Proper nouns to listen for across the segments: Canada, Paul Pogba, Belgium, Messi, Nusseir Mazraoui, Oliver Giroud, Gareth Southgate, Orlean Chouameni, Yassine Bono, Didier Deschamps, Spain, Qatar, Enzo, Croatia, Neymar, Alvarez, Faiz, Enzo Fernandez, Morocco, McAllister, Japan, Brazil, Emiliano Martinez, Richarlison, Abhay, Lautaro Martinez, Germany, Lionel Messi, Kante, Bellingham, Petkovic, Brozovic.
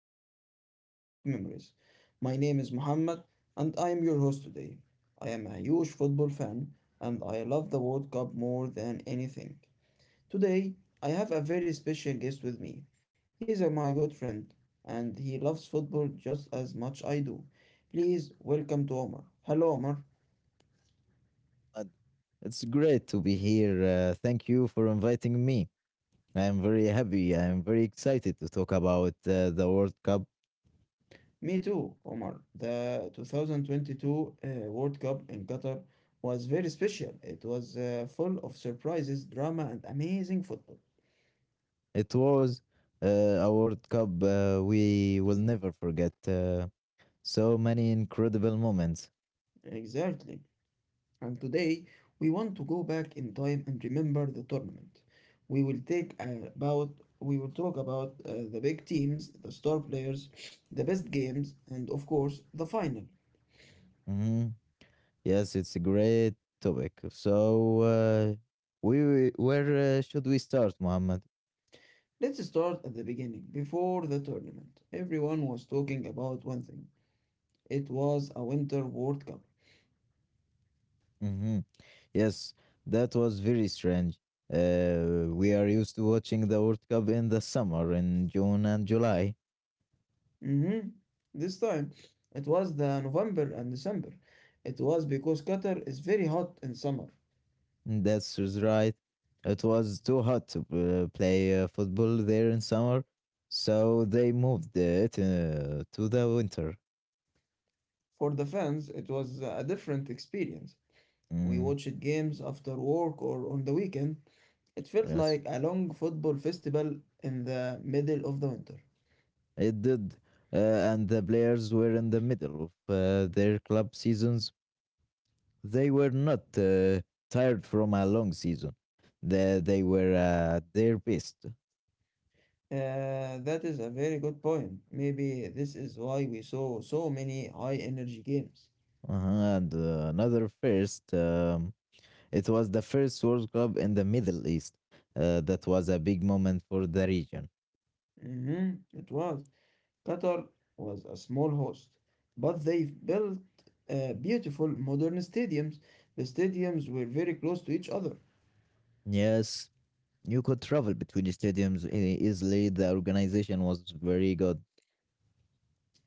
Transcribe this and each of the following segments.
episode of World Cup Memories. My name is Muhammad, and I am your host today. I am a huge football fan, and I love the World Cup more than anything. Today, I have a very special guest with me. He is my good friend, and he loves football just as much I do. Please welcome to Omar. Hello, Omar. Ahmad. It's great to be here. Thank you for inviting me. I am very happy. I am very excited to talk about the World Cup. Me too, Omar. The 2022 World Cup in Qatar was very special. It was full of surprises, drama, and amazing football. It was uh, a World Cup we will never forget. So many incredible moments. Exactly. And today, we want to go back in time and remember the tournament. We will take uh, about we will talk about the big teams, the star players, the best games, and of course, the final. hmm Yes, it's a great topic. So, we- where Should we start, Mohammed? Let's start at the beginning, before the tournament. Everyone was talking about one thing. It was a Winter World Cup. Mm-hmm. Yes, that was very strange. We are used to watching the World Cup in the summer, in June and July. Mm-hmm. This time it was the November and December. It was because Qatar is very hot in summer. That's is right. It was too hot to play football there in summer, so they moved it to the winter. For the fans, it was a different experience. We Mm, watched games after work or on the weekend. It felt yes, like a long football festival in the middle of the winter. it did. And the players were in the middle of their club seasons. They were not tired from a long season. They were at their best. That is a very good point. Maybe this is why we saw so many high energy games. Uh-huh, and another first, it was the first World Cup in the Middle East. That was a big moment for the region. It was. Qatar was a small host, but they built beautiful modern stadiums. The stadiums were very close to each other. Yes, you could travel between the stadiums easily. The organization was very good.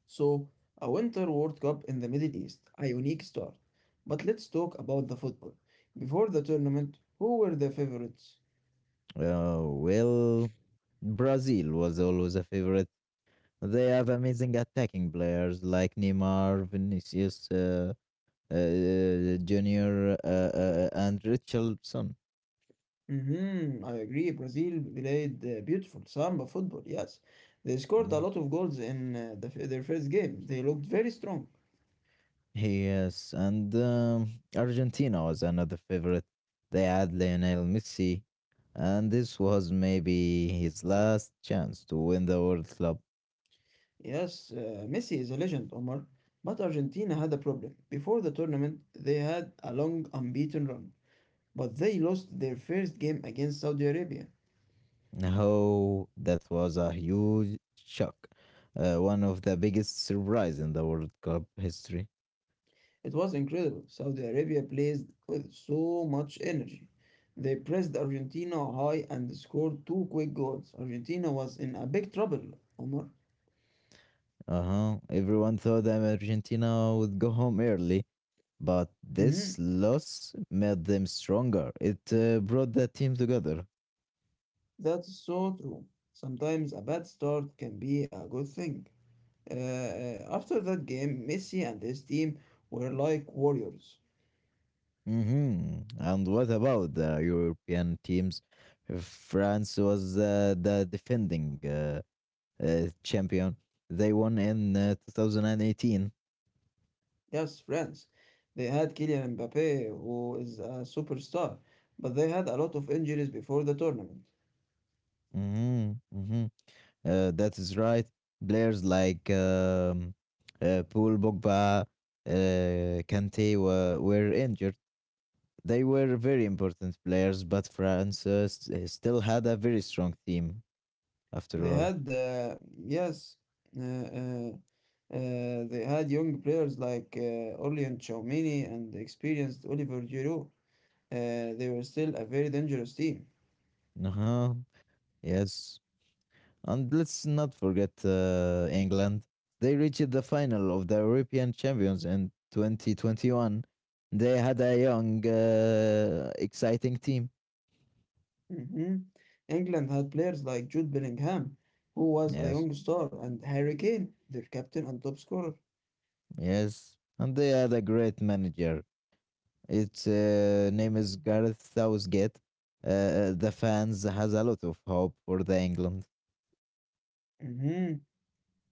So, a Winter World Cup in the Middle East, a unique start. But let's talk about the football. Before the tournament, who were the favorites? Uh, well, Brazil was always a favorite. They have amazing attacking players like Neymar, Vinicius, Junior and Richardson. Mm-hmm, I agree. Brazil played beautiful samba football, yes. They scored a Mm. lot of goals in their first game. They looked very strong. Yes, and Argentina was another favorite. They had Lionel Messi, and this was maybe his last chance to win the World Cup. Yes, Messi is a legend, Omar, but Argentina had a problem. Before the tournament, they had a long unbeaten run, but they lost their first game against Saudi Arabia. Oh, that was a huge shock. One of the biggest surprise in the World Cup history. It was incredible. Saudi Arabia plays with so much energy. They pressed Argentina high and scored two quick goals. Argentina was in a big trouble, Omar. Uh huh. Everyone thought that Argentina would go home early, but Mm-hmm. this loss made them stronger. It brought the team together. That's so true. Sometimes a bad start can be a good thing. After that game, Messi and his team were like warriors. And what about the European teams? France was the defending champion. They won in 2018. Yes, friends. They had Kylian Mbappe, who is a superstar, but they had a lot of injuries before the tournament. hmm hmm that is right. Players like Paul Pogba, Kante were injured. They were very important players, but France still had a very strong team after They all. had, uh, yes, uh, uh, uh, they had young players like Orlean Chouameni and experienced Oliver Giroud. They were still a very dangerous team. Uh huh. Yes. And let's not forget England. They reached the final of the European Champions in 2021. They had a young, exciting team. hmm England had players like Jude Bellingham, who was a Yes. young star, and Harry Kane, their captain and top scorer. Yes. And they had a great manager. Its name is Gareth Southgate. The fans has a lot of hope for the England. Mhm.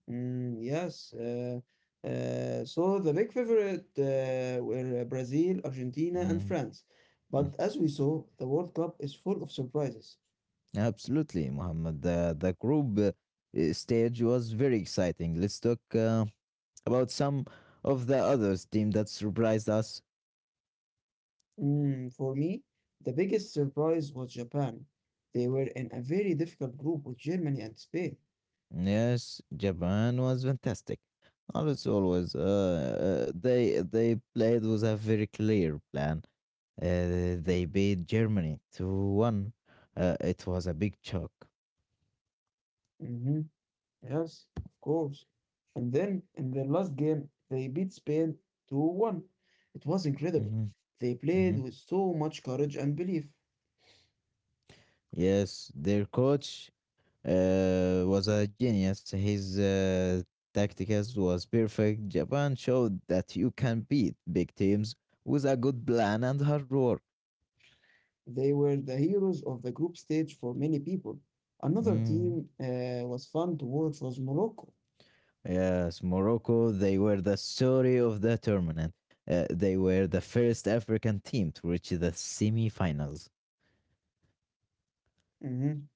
Mm, yes. So the big favorite were Brazil, Argentina, and Mm. France. But as we saw, the World Cup is full of surprises. Absolutely, Muhammad. The group stage was very exciting. Let's talk about some of the others team that surprised us. For me, the biggest surprise was Japan. They were in a very difficult group with Germany and Spain. Yes, Japan was fantastic. As always, they played with a very clear plan. They beat Germany 2-1. It was a big shock. Mm-hmm. Yes, of course. And then in their last game, they beat Spain 2-1. It was incredible. hmm They played hmm with so much courage and belief. Yes, their coach was a genius. His tactics was perfect. Japan showed that you can beat big teams with a good plan and hard work. They were the heroes of the group stage for many people. Another Mm. team was fun to watch was Morocco. Yes, Morocco, they were the story of the tournament. They were the first African team to reach the semi-finals. Hmm.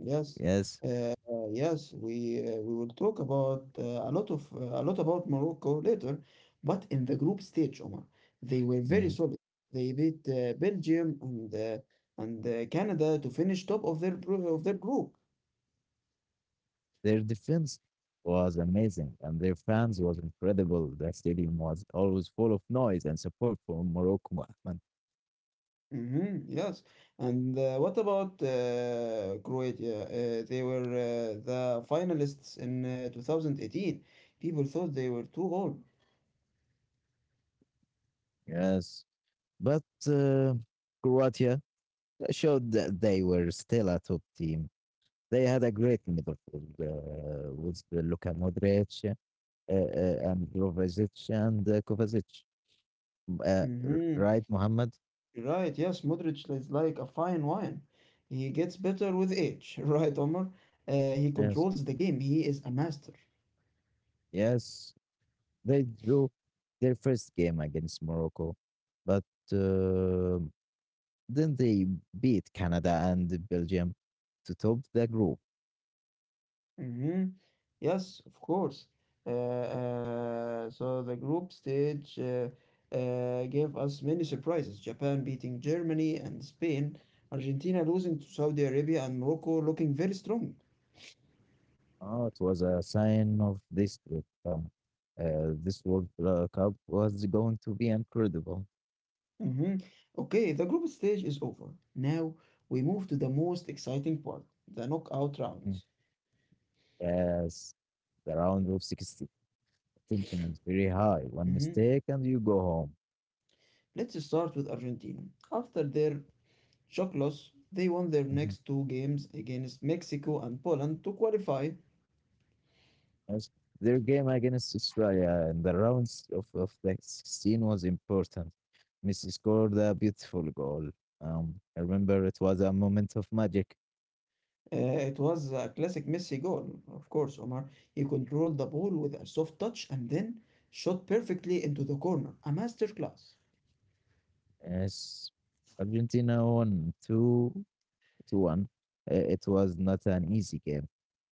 Yes, Yes, uh, yes, we will talk about a lot about Morocco later, but in the group stage, Omar, they were very mm. solid. They beat Belgium and Canada to finish top of their group. Their defense was amazing and their fans was incredible. The stadium was always full of noise and support for Morocco. Ahmed. Hmm. Yes, and what about Croatia? They were the finalists in 2018. People thought they were too old. Yes. But uh, Croatia showed that they were still a top team. They had a great midfield with the Luka Modric and Brozovic and Kovacic. Hmm. Right, Mohammed? Right, yes, Modric is like a fine wine. He gets better with age, right, Omar? He Yes. controls the game. He is a master. Yes. They drew their first game against Morocco, but uh, then they beat Canada and Belgium to top the group. Hmm. Yes, of course. Uh, so the group stage gave us many surprises. Japan beating Germany and Spain, Argentina losing to Saudi Arabia, and Morocco looking very strong. Oh, it was a sign of this trip. This Cup was going to be incredible. hmm Okay, the group stage is over. Now we move to the most exciting part, the knockout Mm. rounds. Yes, the round of 16 tension is very high. One hmm mistake and you go home. Let's start with Argentina. After their shock loss, they won their Mhm. next two games against Mexico and Poland to qualify. Yes, their game against Australia in the rounds of the 16 was important. Messi scored a beautiful goal. I remember it was a moment of magic. It was a classic Messi goal, of course, Omar. He controlled the ball with a soft touch and then shot perfectly into the corner. A masterclass. Yes, Argentina won 2 2-1. It was not an easy game,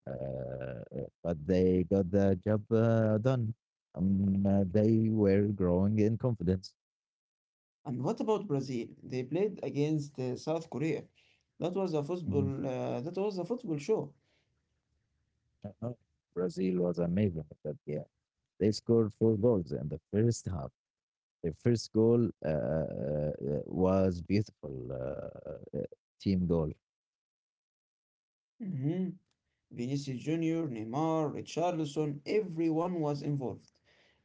uh, but they got the job done. They were growing in confidence. And what about Brazil? They played against South Korea. That was a Mhm. football. Uh, that was a football show. Uh, Brazil was amazing at that game. They scored four goals in the first half. Their first goal was beautiful team goal. hmm Vinicius Junior, Neymar, Richarlison, everyone was involved.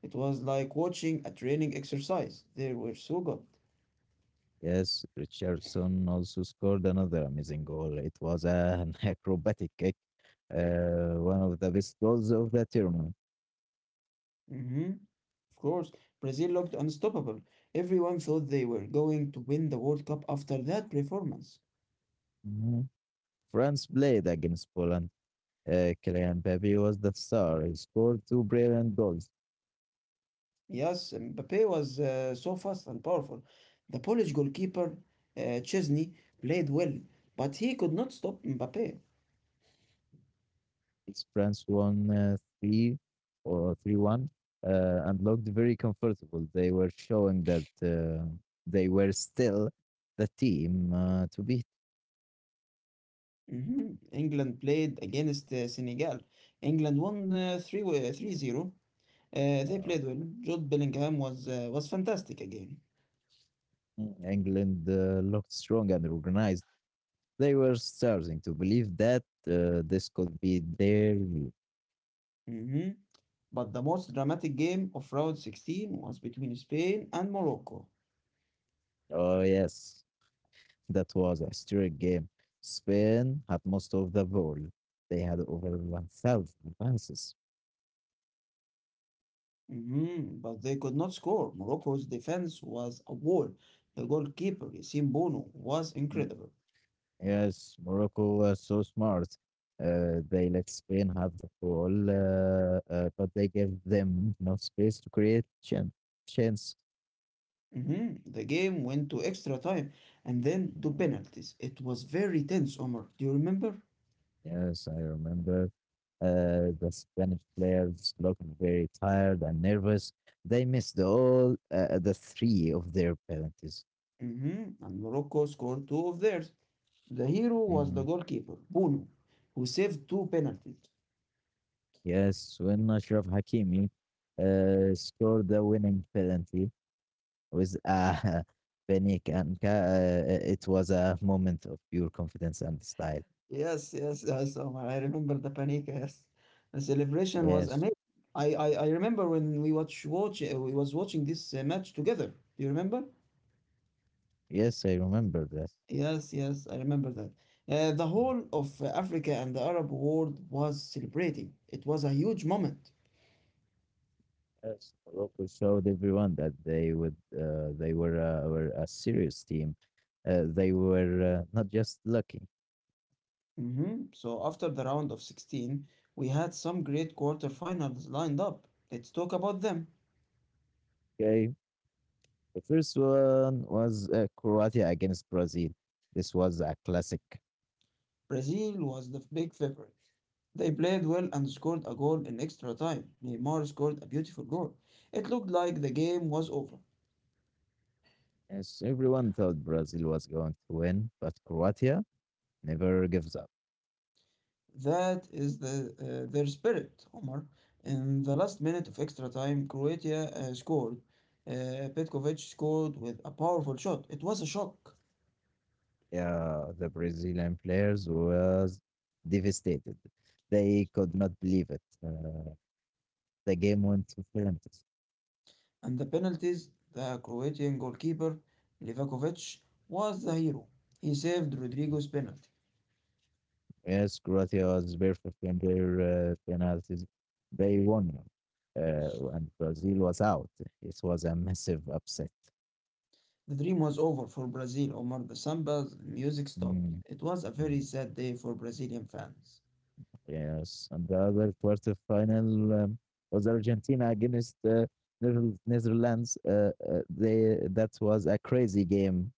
It was like watching a training exercise. They were so good. Yes, Richardson also scored another amazing goal. It was an acrobatic kick, one of the best goals of the tournament. hmm Of course, Brazil looked unstoppable. Everyone thought they were going to win the World Cup after that performance. Mhm. France played against Poland. Kylian Mbappe was the star. He scored two brilliant goals. Yes, Mbappe was so fast and powerful. The Polish goalkeeper, Chesney, played well, but he could not stop Mbappe. It's France won 3 or 3-1, and looked very comfortable. They were showing that they were still the team to beat. Mhm. England played against Senegal. England won 3 3 zero. They Uh, played well. Jude Bellingham was fantastic again. England looked strong and organized. They were starting to believe that this could be their. Mhm. But the most dramatic game of round 16 was between Spain and Morocco. Oh yes, that was a historic game. Spain had most of the ball. They had over 1,000 passes. Mhm. But they could not score. Morocco's defense was a wall. The goalkeeper, Yassine Bono, was Mm. incredible. Yes, Morocco was so smart. They let Spain have the ball, but they gave them no space to create chance. Mhm. The game went to extra time and then to Mm. penalties. It was very tense, Omar. Do you remember? Yes, I remember. The Spanish players looked very tired and nervous. They missed all the three of their penalties. Mhm. And Morocco scored two of theirs. The hero was the Mhm. goalkeeper, Bono, who saved two penalties. Yes, when Ashraf Hakimi scored the winning penalty with a panic, and it was a moment of pure confidence and style. Yes, yes, yes, Omar. I remember the panic. Yes, the celebration was Yes, amazing. I remember when we was watching this match together. Do you remember? yes, I remember this. Yes, yes, I remember that. The whole of Africa and the Arab world was celebrating. It was a huge moment. Yes, Morocco showed everyone that they were a serious team. They were not just lucky. So after the round of 16, we had some great quarterfinals lined up. Let's talk about them. Okay, the first one was Croatia against Brazil. This was a classic. Brazil was the big favorite. They played well and scored a goal in extra time. Neymar scored a beautiful goal. It looked like the game was over. Yes, everyone thought Brazil was going to win, but Croatia never gives up. That is their spirit, Omar. In the last minute of extra time, Croatia scored. Petkovic scored with a powerful shot. It was a shock. Yeah, the Brazilian players was devastated. They could not believe it. The game went to penalties. And the penalties, the Croatian goalkeeper, Livakovic, was the hero. He saved Rodrigo's penalty. Yes, Croatia was perfect in their penalties. They won, and Brazil was out. It was a massive upset. The dream was over for Brazil, Omar. The samba's music stopped. Mm, It was a very mm. sad day for Brazilian fans. Yes, and the other quarterfinal was Argentina against Netherlands. They that was a crazy game.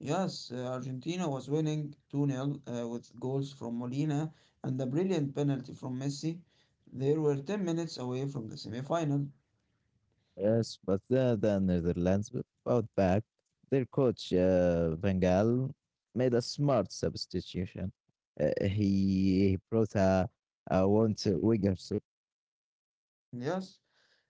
Yes, Argentina was winning 2-0 with goals from Molina and a brilliant penalty from Messi. They were 10 minutes away from the semi-final. Yes, but the Netherlands fought back. Their coach Van Gaal made a smart substitution. Uh, he, he brought a want Wigersup. Yes,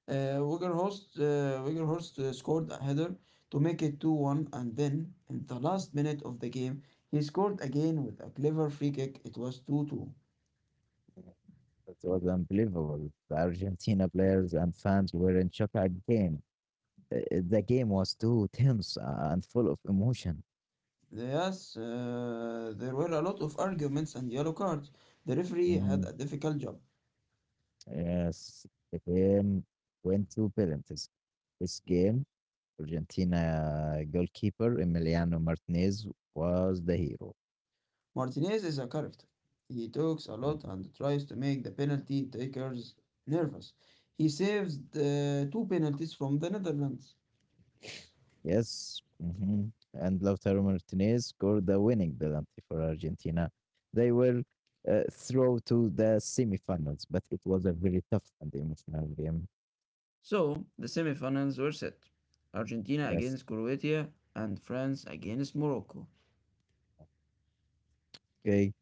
uh, Wegerhorst scored a header to make it 2-1 and then, in the last minute of the game, he scored again with a clever free kick. It was 2-2. That was unbelievable. The Argentina players and fans were in shock again. Uh, The game was too tense and full of emotion. Yes, there were a lot of arguments and yellow cards. The referee had Mhm. a difficult job. Yes, the game went to penalties. This game, Argentina goalkeeper Emiliano Martinez was the hero. Martinez is a character. He talks a lot Mhm. and tries to make the penalty takers nervous. He saves the two penalties from the Netherlands. Yes, mhm, and Lautaro Martinez scored the winning penalty for Argentina. They were through to the semifinals, but it was a very tough and emotional game. So the semifinals were set. Argentina Yes. against Croatia and France against Morocco. Okay,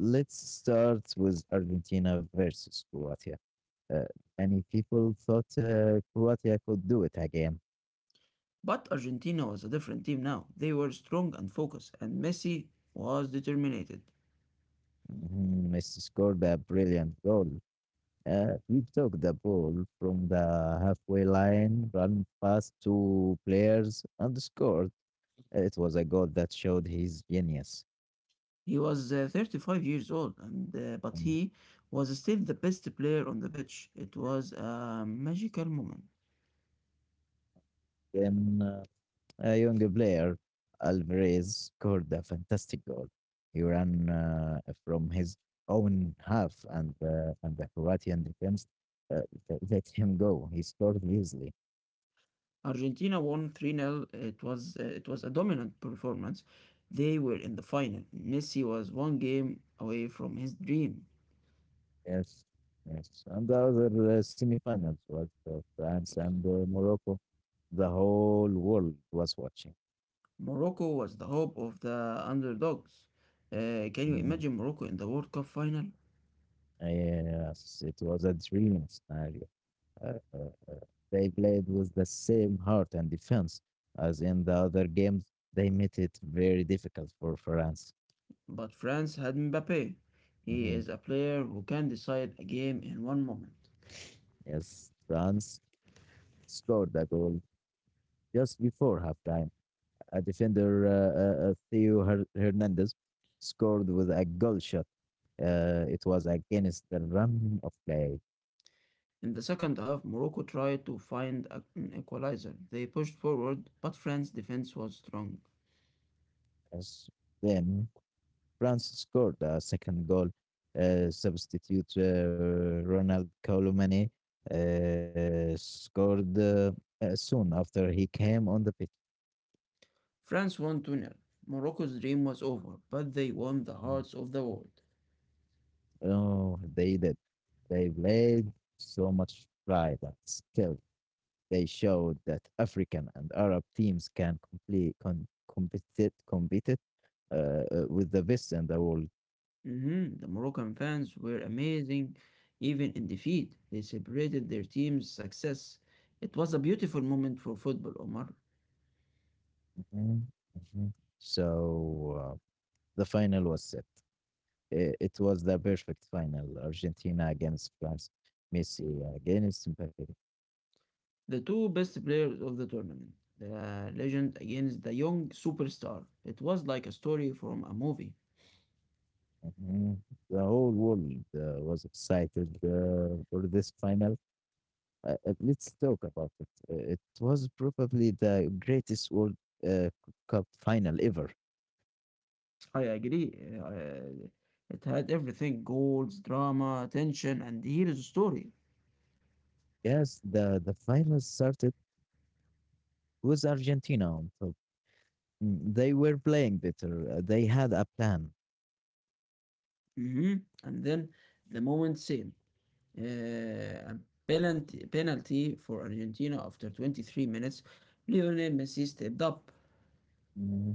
let's start with Argentina versus Croatia. Uh, many people thought Croatia could do it again. But Argentina was a different team now. They were strong and focused, and Messi was determined. Mhm, Messi scored a brilliant goal. He took the ball from the halfway line, ran past two players, and scored. It was a goal that showed his genius. He was 35 years old, and but And he was still the best player on the pitch. It was a magical moment. then A young player, Alvarez scored a fantastic goal. He ran from his own half, and and the Croatian defense uh, let him go. He scored easily. Argentina won 3 nil. It was a dominant performance. They were in the final. Messi was one game away from his dream. Yes, yes. And the other semifinals was France and Morocco. The whole world was watching. Morocco was the hope of the underdogs. Can you Mm, imagine Morocco in the World Cup final? yes, it was a dream scenario. uh, uh, uh, they played with the same heart and defense as in the other games. They made it very difficult for France. But France had Mbappe. He Mhm. is a player who can decide a game in one moment. Yes, France scored the goal just before halftime. A defender, Theo Hernandez, scored with a goal shot. It was against the run of play. In the second half, Morocco tried to find an equalizer. They pushed forward, but France's defense was strong. Yes. Then France scored a second goal. Substitute Ronald Colomani scored soon after he came on the pitch. France won 2-0. Morocco's dream was over, but they won the hearts of the world. Oh, they did. They played so much pride and skill. They showed that African and Arab teams can complete, compete, compete it, uh, with the best in the world. Mhm. The Moroccan fans were amazing even in defeat. They celebrated their team's success. It was a beautiful moment for football, Omar. Mhm, mhm. So uh, the final was set. It was the perfect final. Argentina against France, Messi against Mbappe. The two best players of the tournament, the legend against the young superstar. It was like a story from a movie. Mhm. The whole world was excited for this final. Let's talk about it. It was probably the greatest World uh, Cup final ever. I agree. Uh, it had everything: goals, drama, tension, and hero's story. Yes, the final started with Argentina on top. Mm, they were playing better. They had a plan. hmm And then the moment same. A penalty for Argentina after 23 minutes. Lionel Messi stepped up. Mm-hmm.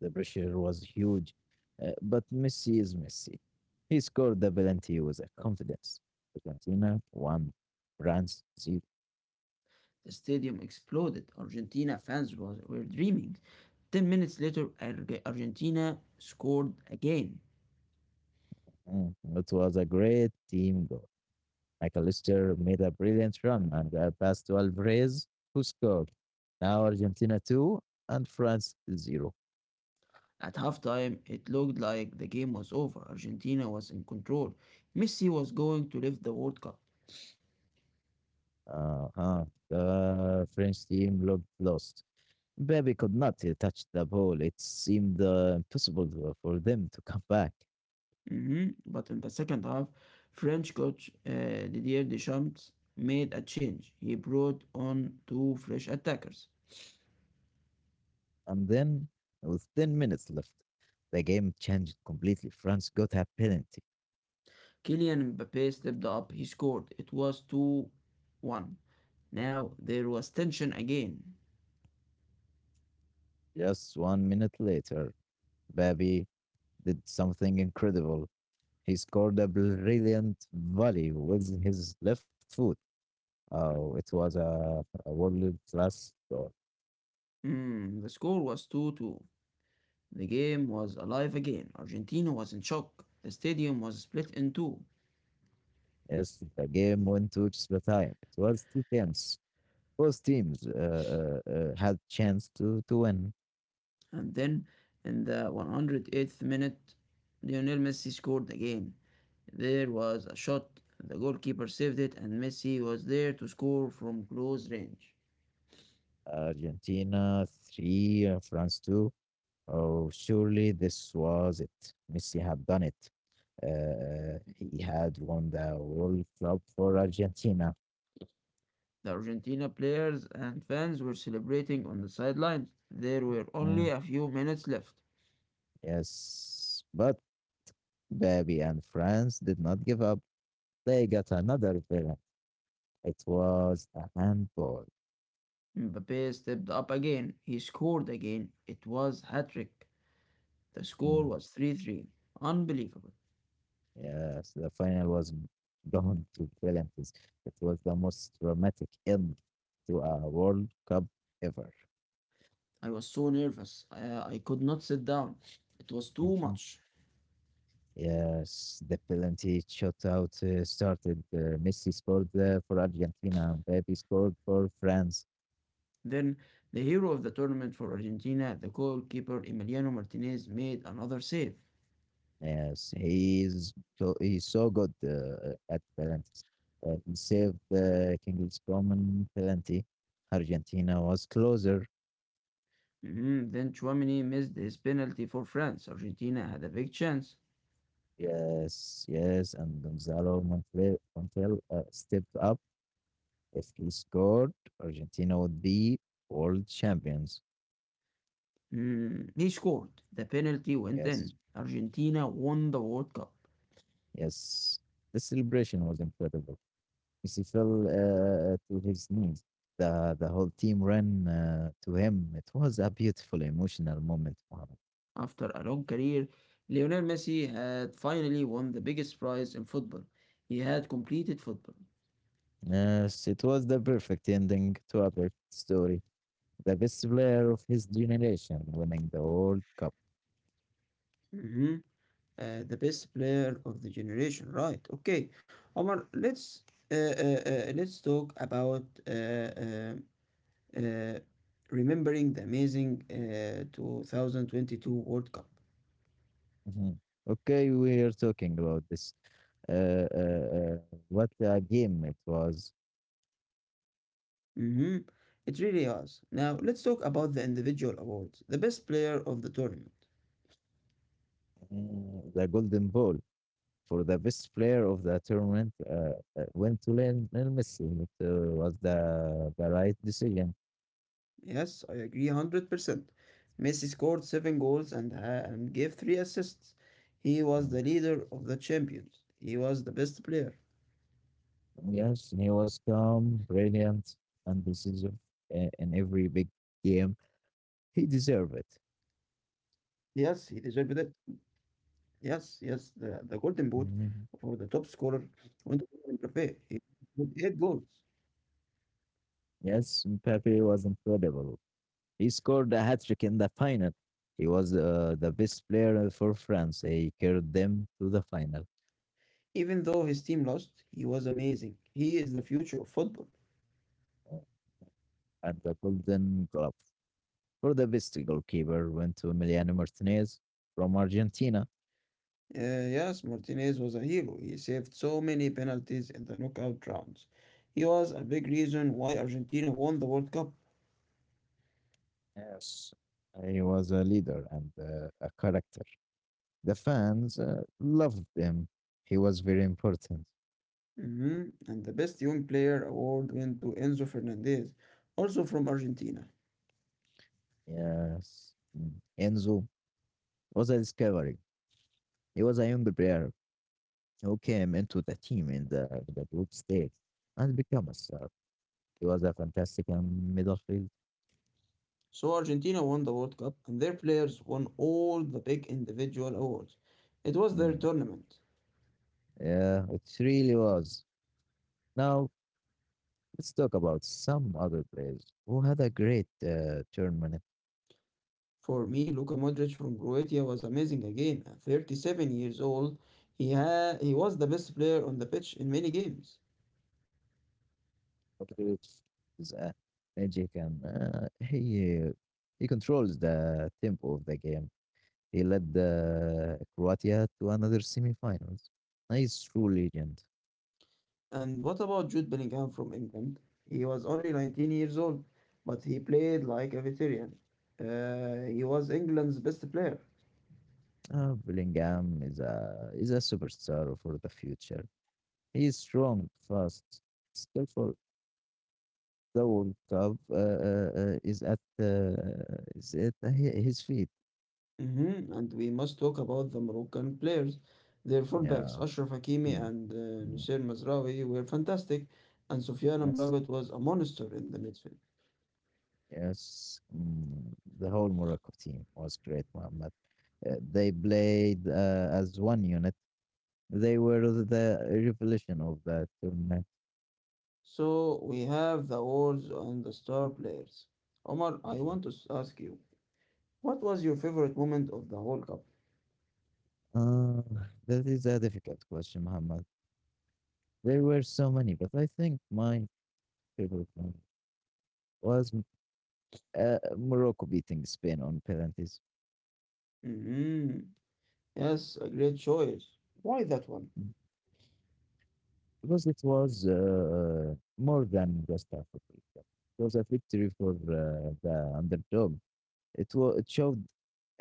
The pressure was huge, but Messi is Messi. He scored the penalty with a confidence. Argentina won, France zero. The stadium exploded. Argentina fans were dreaming. 10 minutes later, Argentina scored again. Mm, it was a great team goal. McAllister made a brilliant run and a pass to Alvarez, who scored. Now Argentina two and France zero. At halftime, it looked like the game was over. Argentina was in control. Messi was going to lift the World Cup. Uh-huh. The French team looked lost. Baby could not touch the ball. It seemed impossible for them to come back. Mhm. But in the second half, French coach Didier Deschamps made a change. He brought on two fresh attackers. And then, with 10 minutes left, the game changed completely. France got a penalty. Kylian Mbappe stepped up, he scored. It was 2-1. Now there was tension again. Just 1 minute later, Babi did something incredible. He scored a brilliant volley with his left foot. Oh, it was a world class goal. Hmm, the score was 2-2. The game was alive again. Argentina was in shock. The stadium was split in two. Yes, the game went to extra time. It was two tense. Both teams had chance to win. And then in the 108th minute, Lionel Messi scored again. There was a shot, the goalkeeper saved it, and Messi was there to score from close range. Argentina 3, France 2. Oh, surely this was it. Messi had done it. He had won the World Cup for Argentina. The Argentina players and fans were celebrating on the sidelines. There were only Mm, a few minutes left. yes, but Baby and France did not give up. They got another villain. It was a handball. Mbappe stepped up again. He scored again. It was hat-trick. The score Mm, was 3-3. Unbelievable. yes, the final was gone to penalties. It was the most dramatic end to a World Cup ever. I was so nervous. I could not sit down. It was too much. Yes, the penalty shootout started. Messi scored for Argentina, and Pepe scored for France. Then, the hero of the tournament for Argentina, the goalkeeper Emiliano Martinez, made another save. Yes, he is he's so good at penalties. He saved King's Common penalty. Argentina was closer. Mhm. Then Chouameni missed his penalty for France. Argentina had a big chance. Yes, yes, and Gonzalo Montel stepped up. If he scored, Argentina would be world champions. Mm, he scored. The penalty went in. Yes, Argentina won the World Cup. yes. The celebration was incredible. He fell to his knees. The whole team ran to him. It was a beautiful, emotional moment, Mohammed. After a long career, Lionel Messi had finally won the biggest prize in football. He had completed football. Yes, it was the perfect ending to a perfect story. The best player of his generation winning the World Cup. Mhm. The best player of the generation, right? Okay, Omar, uh, uh, let's talk about uh, remembering the amazing 2022 World Cup. Mhm. Okay, we are talking about this. Uh, uh, what a game it was. Mm-hmm. It really was. Now let's talk about the individual awards. The best player of the tournament. Mm, the Golden Ball for the best player of the tournament went to Lionel Messi. It was the right decision. Yes, I agree 100%. Messi scored 7 goals and gave 3 assists. He was Uh, the leader of the champions. He was the best player. yes, he was calm, brilliant, and decisive in every big game. Yes, He he deserved deserved it. it. Yes, yes, the golden boot for the top scorer Mhm. went to Kylian Mbappé. He scored 8 goals. Yes, Mbappe was incredible. He scored a hat trick in the final. He was the best player for France. He carried them to the final Even though his team lost, he was amazing. He is the future of football. At the Golden Glove. For the best goalkeeper went to Emiliano Martinez from Argentina. Yes, Martinez was a hero. He saved so many penalties in the knockout rounds. He was a big reason why Argentina won the World Cup. Yes, he was a leader and a character. The fans loved him. He was very important. Mhm. And the Best Young Player award went to Enzo Fernandez, also from Argentina. Yes. Mm. Enzo was a discovery. He was a young player who came into the team in the group stage and became a star. He was a fantastic midfield. So Argentina won the World Cup, and their players won all the big individual awards. It was their Mm. tournament. Yeah, it really was. Now let's talk about some other players who had a great tournament. For me, Luka Modric from Croatia was amazing again. At 37 years old, he was the best player on the pitch in many games. Modric is a magic and he controls the tempo of the game. He led the Croatia to another semifinals. He's true legend. And what about Jude Bellingham from England? He was only 19 years old, but he played like a veteran. He was England's best player. Bellingham is a superstar for the future. He's strong, fast, skillful. The World Cup is at his feet. Hmm. And we must talk about the Moroccan players. Their fullbacks, Yeah. Ashraf Hakimi and Mm. Nusseir Mazraoui, were fantastic, and Sofiane Yes, Amrabat was a monster in the midfield. yes. Mm, the whole Morocco team was great, Mohammed. They played as one unit. They were the revolution of the tournament. So we have the awards and the star players. Omar, I Mhm. want to ask you, what was your favorite moment of the whole cup? Uh, that is a difficult question, Mohammed. There were so many, but I think my favorite one was Morocco beating Spain on penalties Mm-hmm. Yes, a great choice. Why that one? because it was more than just a victory. It was a victory for the underdog. It showed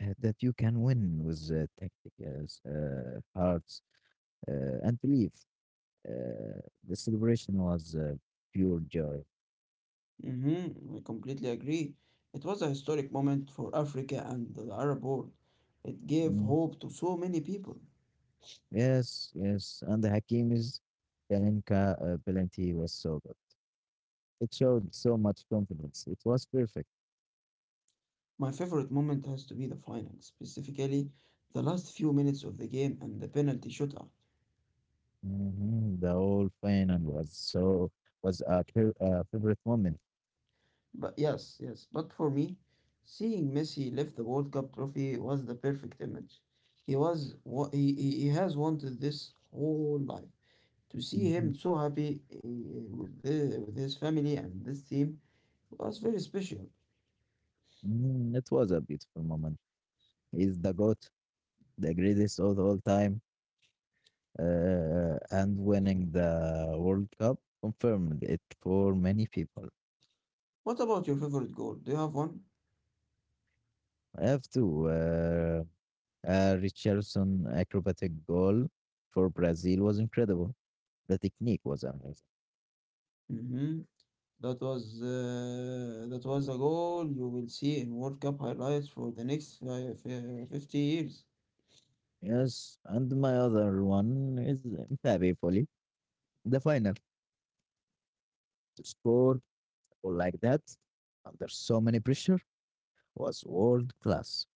that you can win with tactics, hearts, and belief. Uh, the celebration was pure joy. Mm-hmm, I completely agree. It was a historic moment for Africa and the Arab world. It gave Mm. hope to so many people. Yes, yes, and the Hakimi's Kalinka penalty was so good. It showed so much confidence. It was perfect. My favorite moment has to be the final, specifically the last few minutes of the game and the penalty shootout. Hmm. The whole final was favorite moment. But yes, yes, but for me, seeing Messi lift the World Cup trophy was the perfect image. He was what he has wanted this whole life. To see Hmm. him so happy with his family and this team was very special. Mm, it was a beautiful moment. He's the goat, the greatest of all time, and winning the World Cup confirmed it for many people. What about your favorite goal? Do you have one? I have two. A Richardson acrobatic goal for Brazil was incredible. The technique was amazing. Mm-hmm. That was a goal you will see in World Cup highlights for the next 50 years. Yes, and my other one is Mbappe fully. The final to score or like that under so many pressure was world class.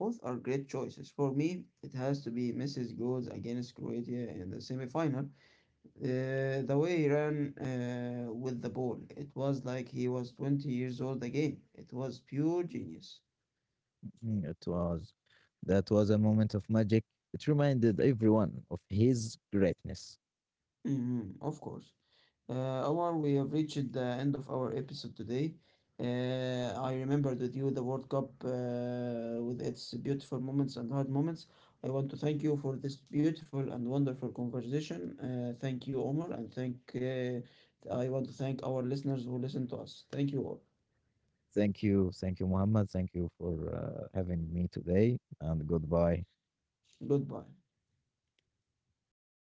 Both are great choices. For me, it has to be Messi's goals against Croatia in the semi-final. The way he ran with the ball, it was like he was 20 years old again. It was pure genius. Mm, It was that was a moment of magic. It reminded everyone of his greatness. Mhm, of course. Omar, we have reached the end of our episode today. I remembered with you the World Cup with its beautiful moments and hard moments. I want to thank you for this beautiful and wonderful conversation. Thank you, Omar, and thank I want to thank our listeners who listen to us. Thank you all. Thank you. Thank you, Muhammad. Thank you for having me today, and goodbye. Goodbye.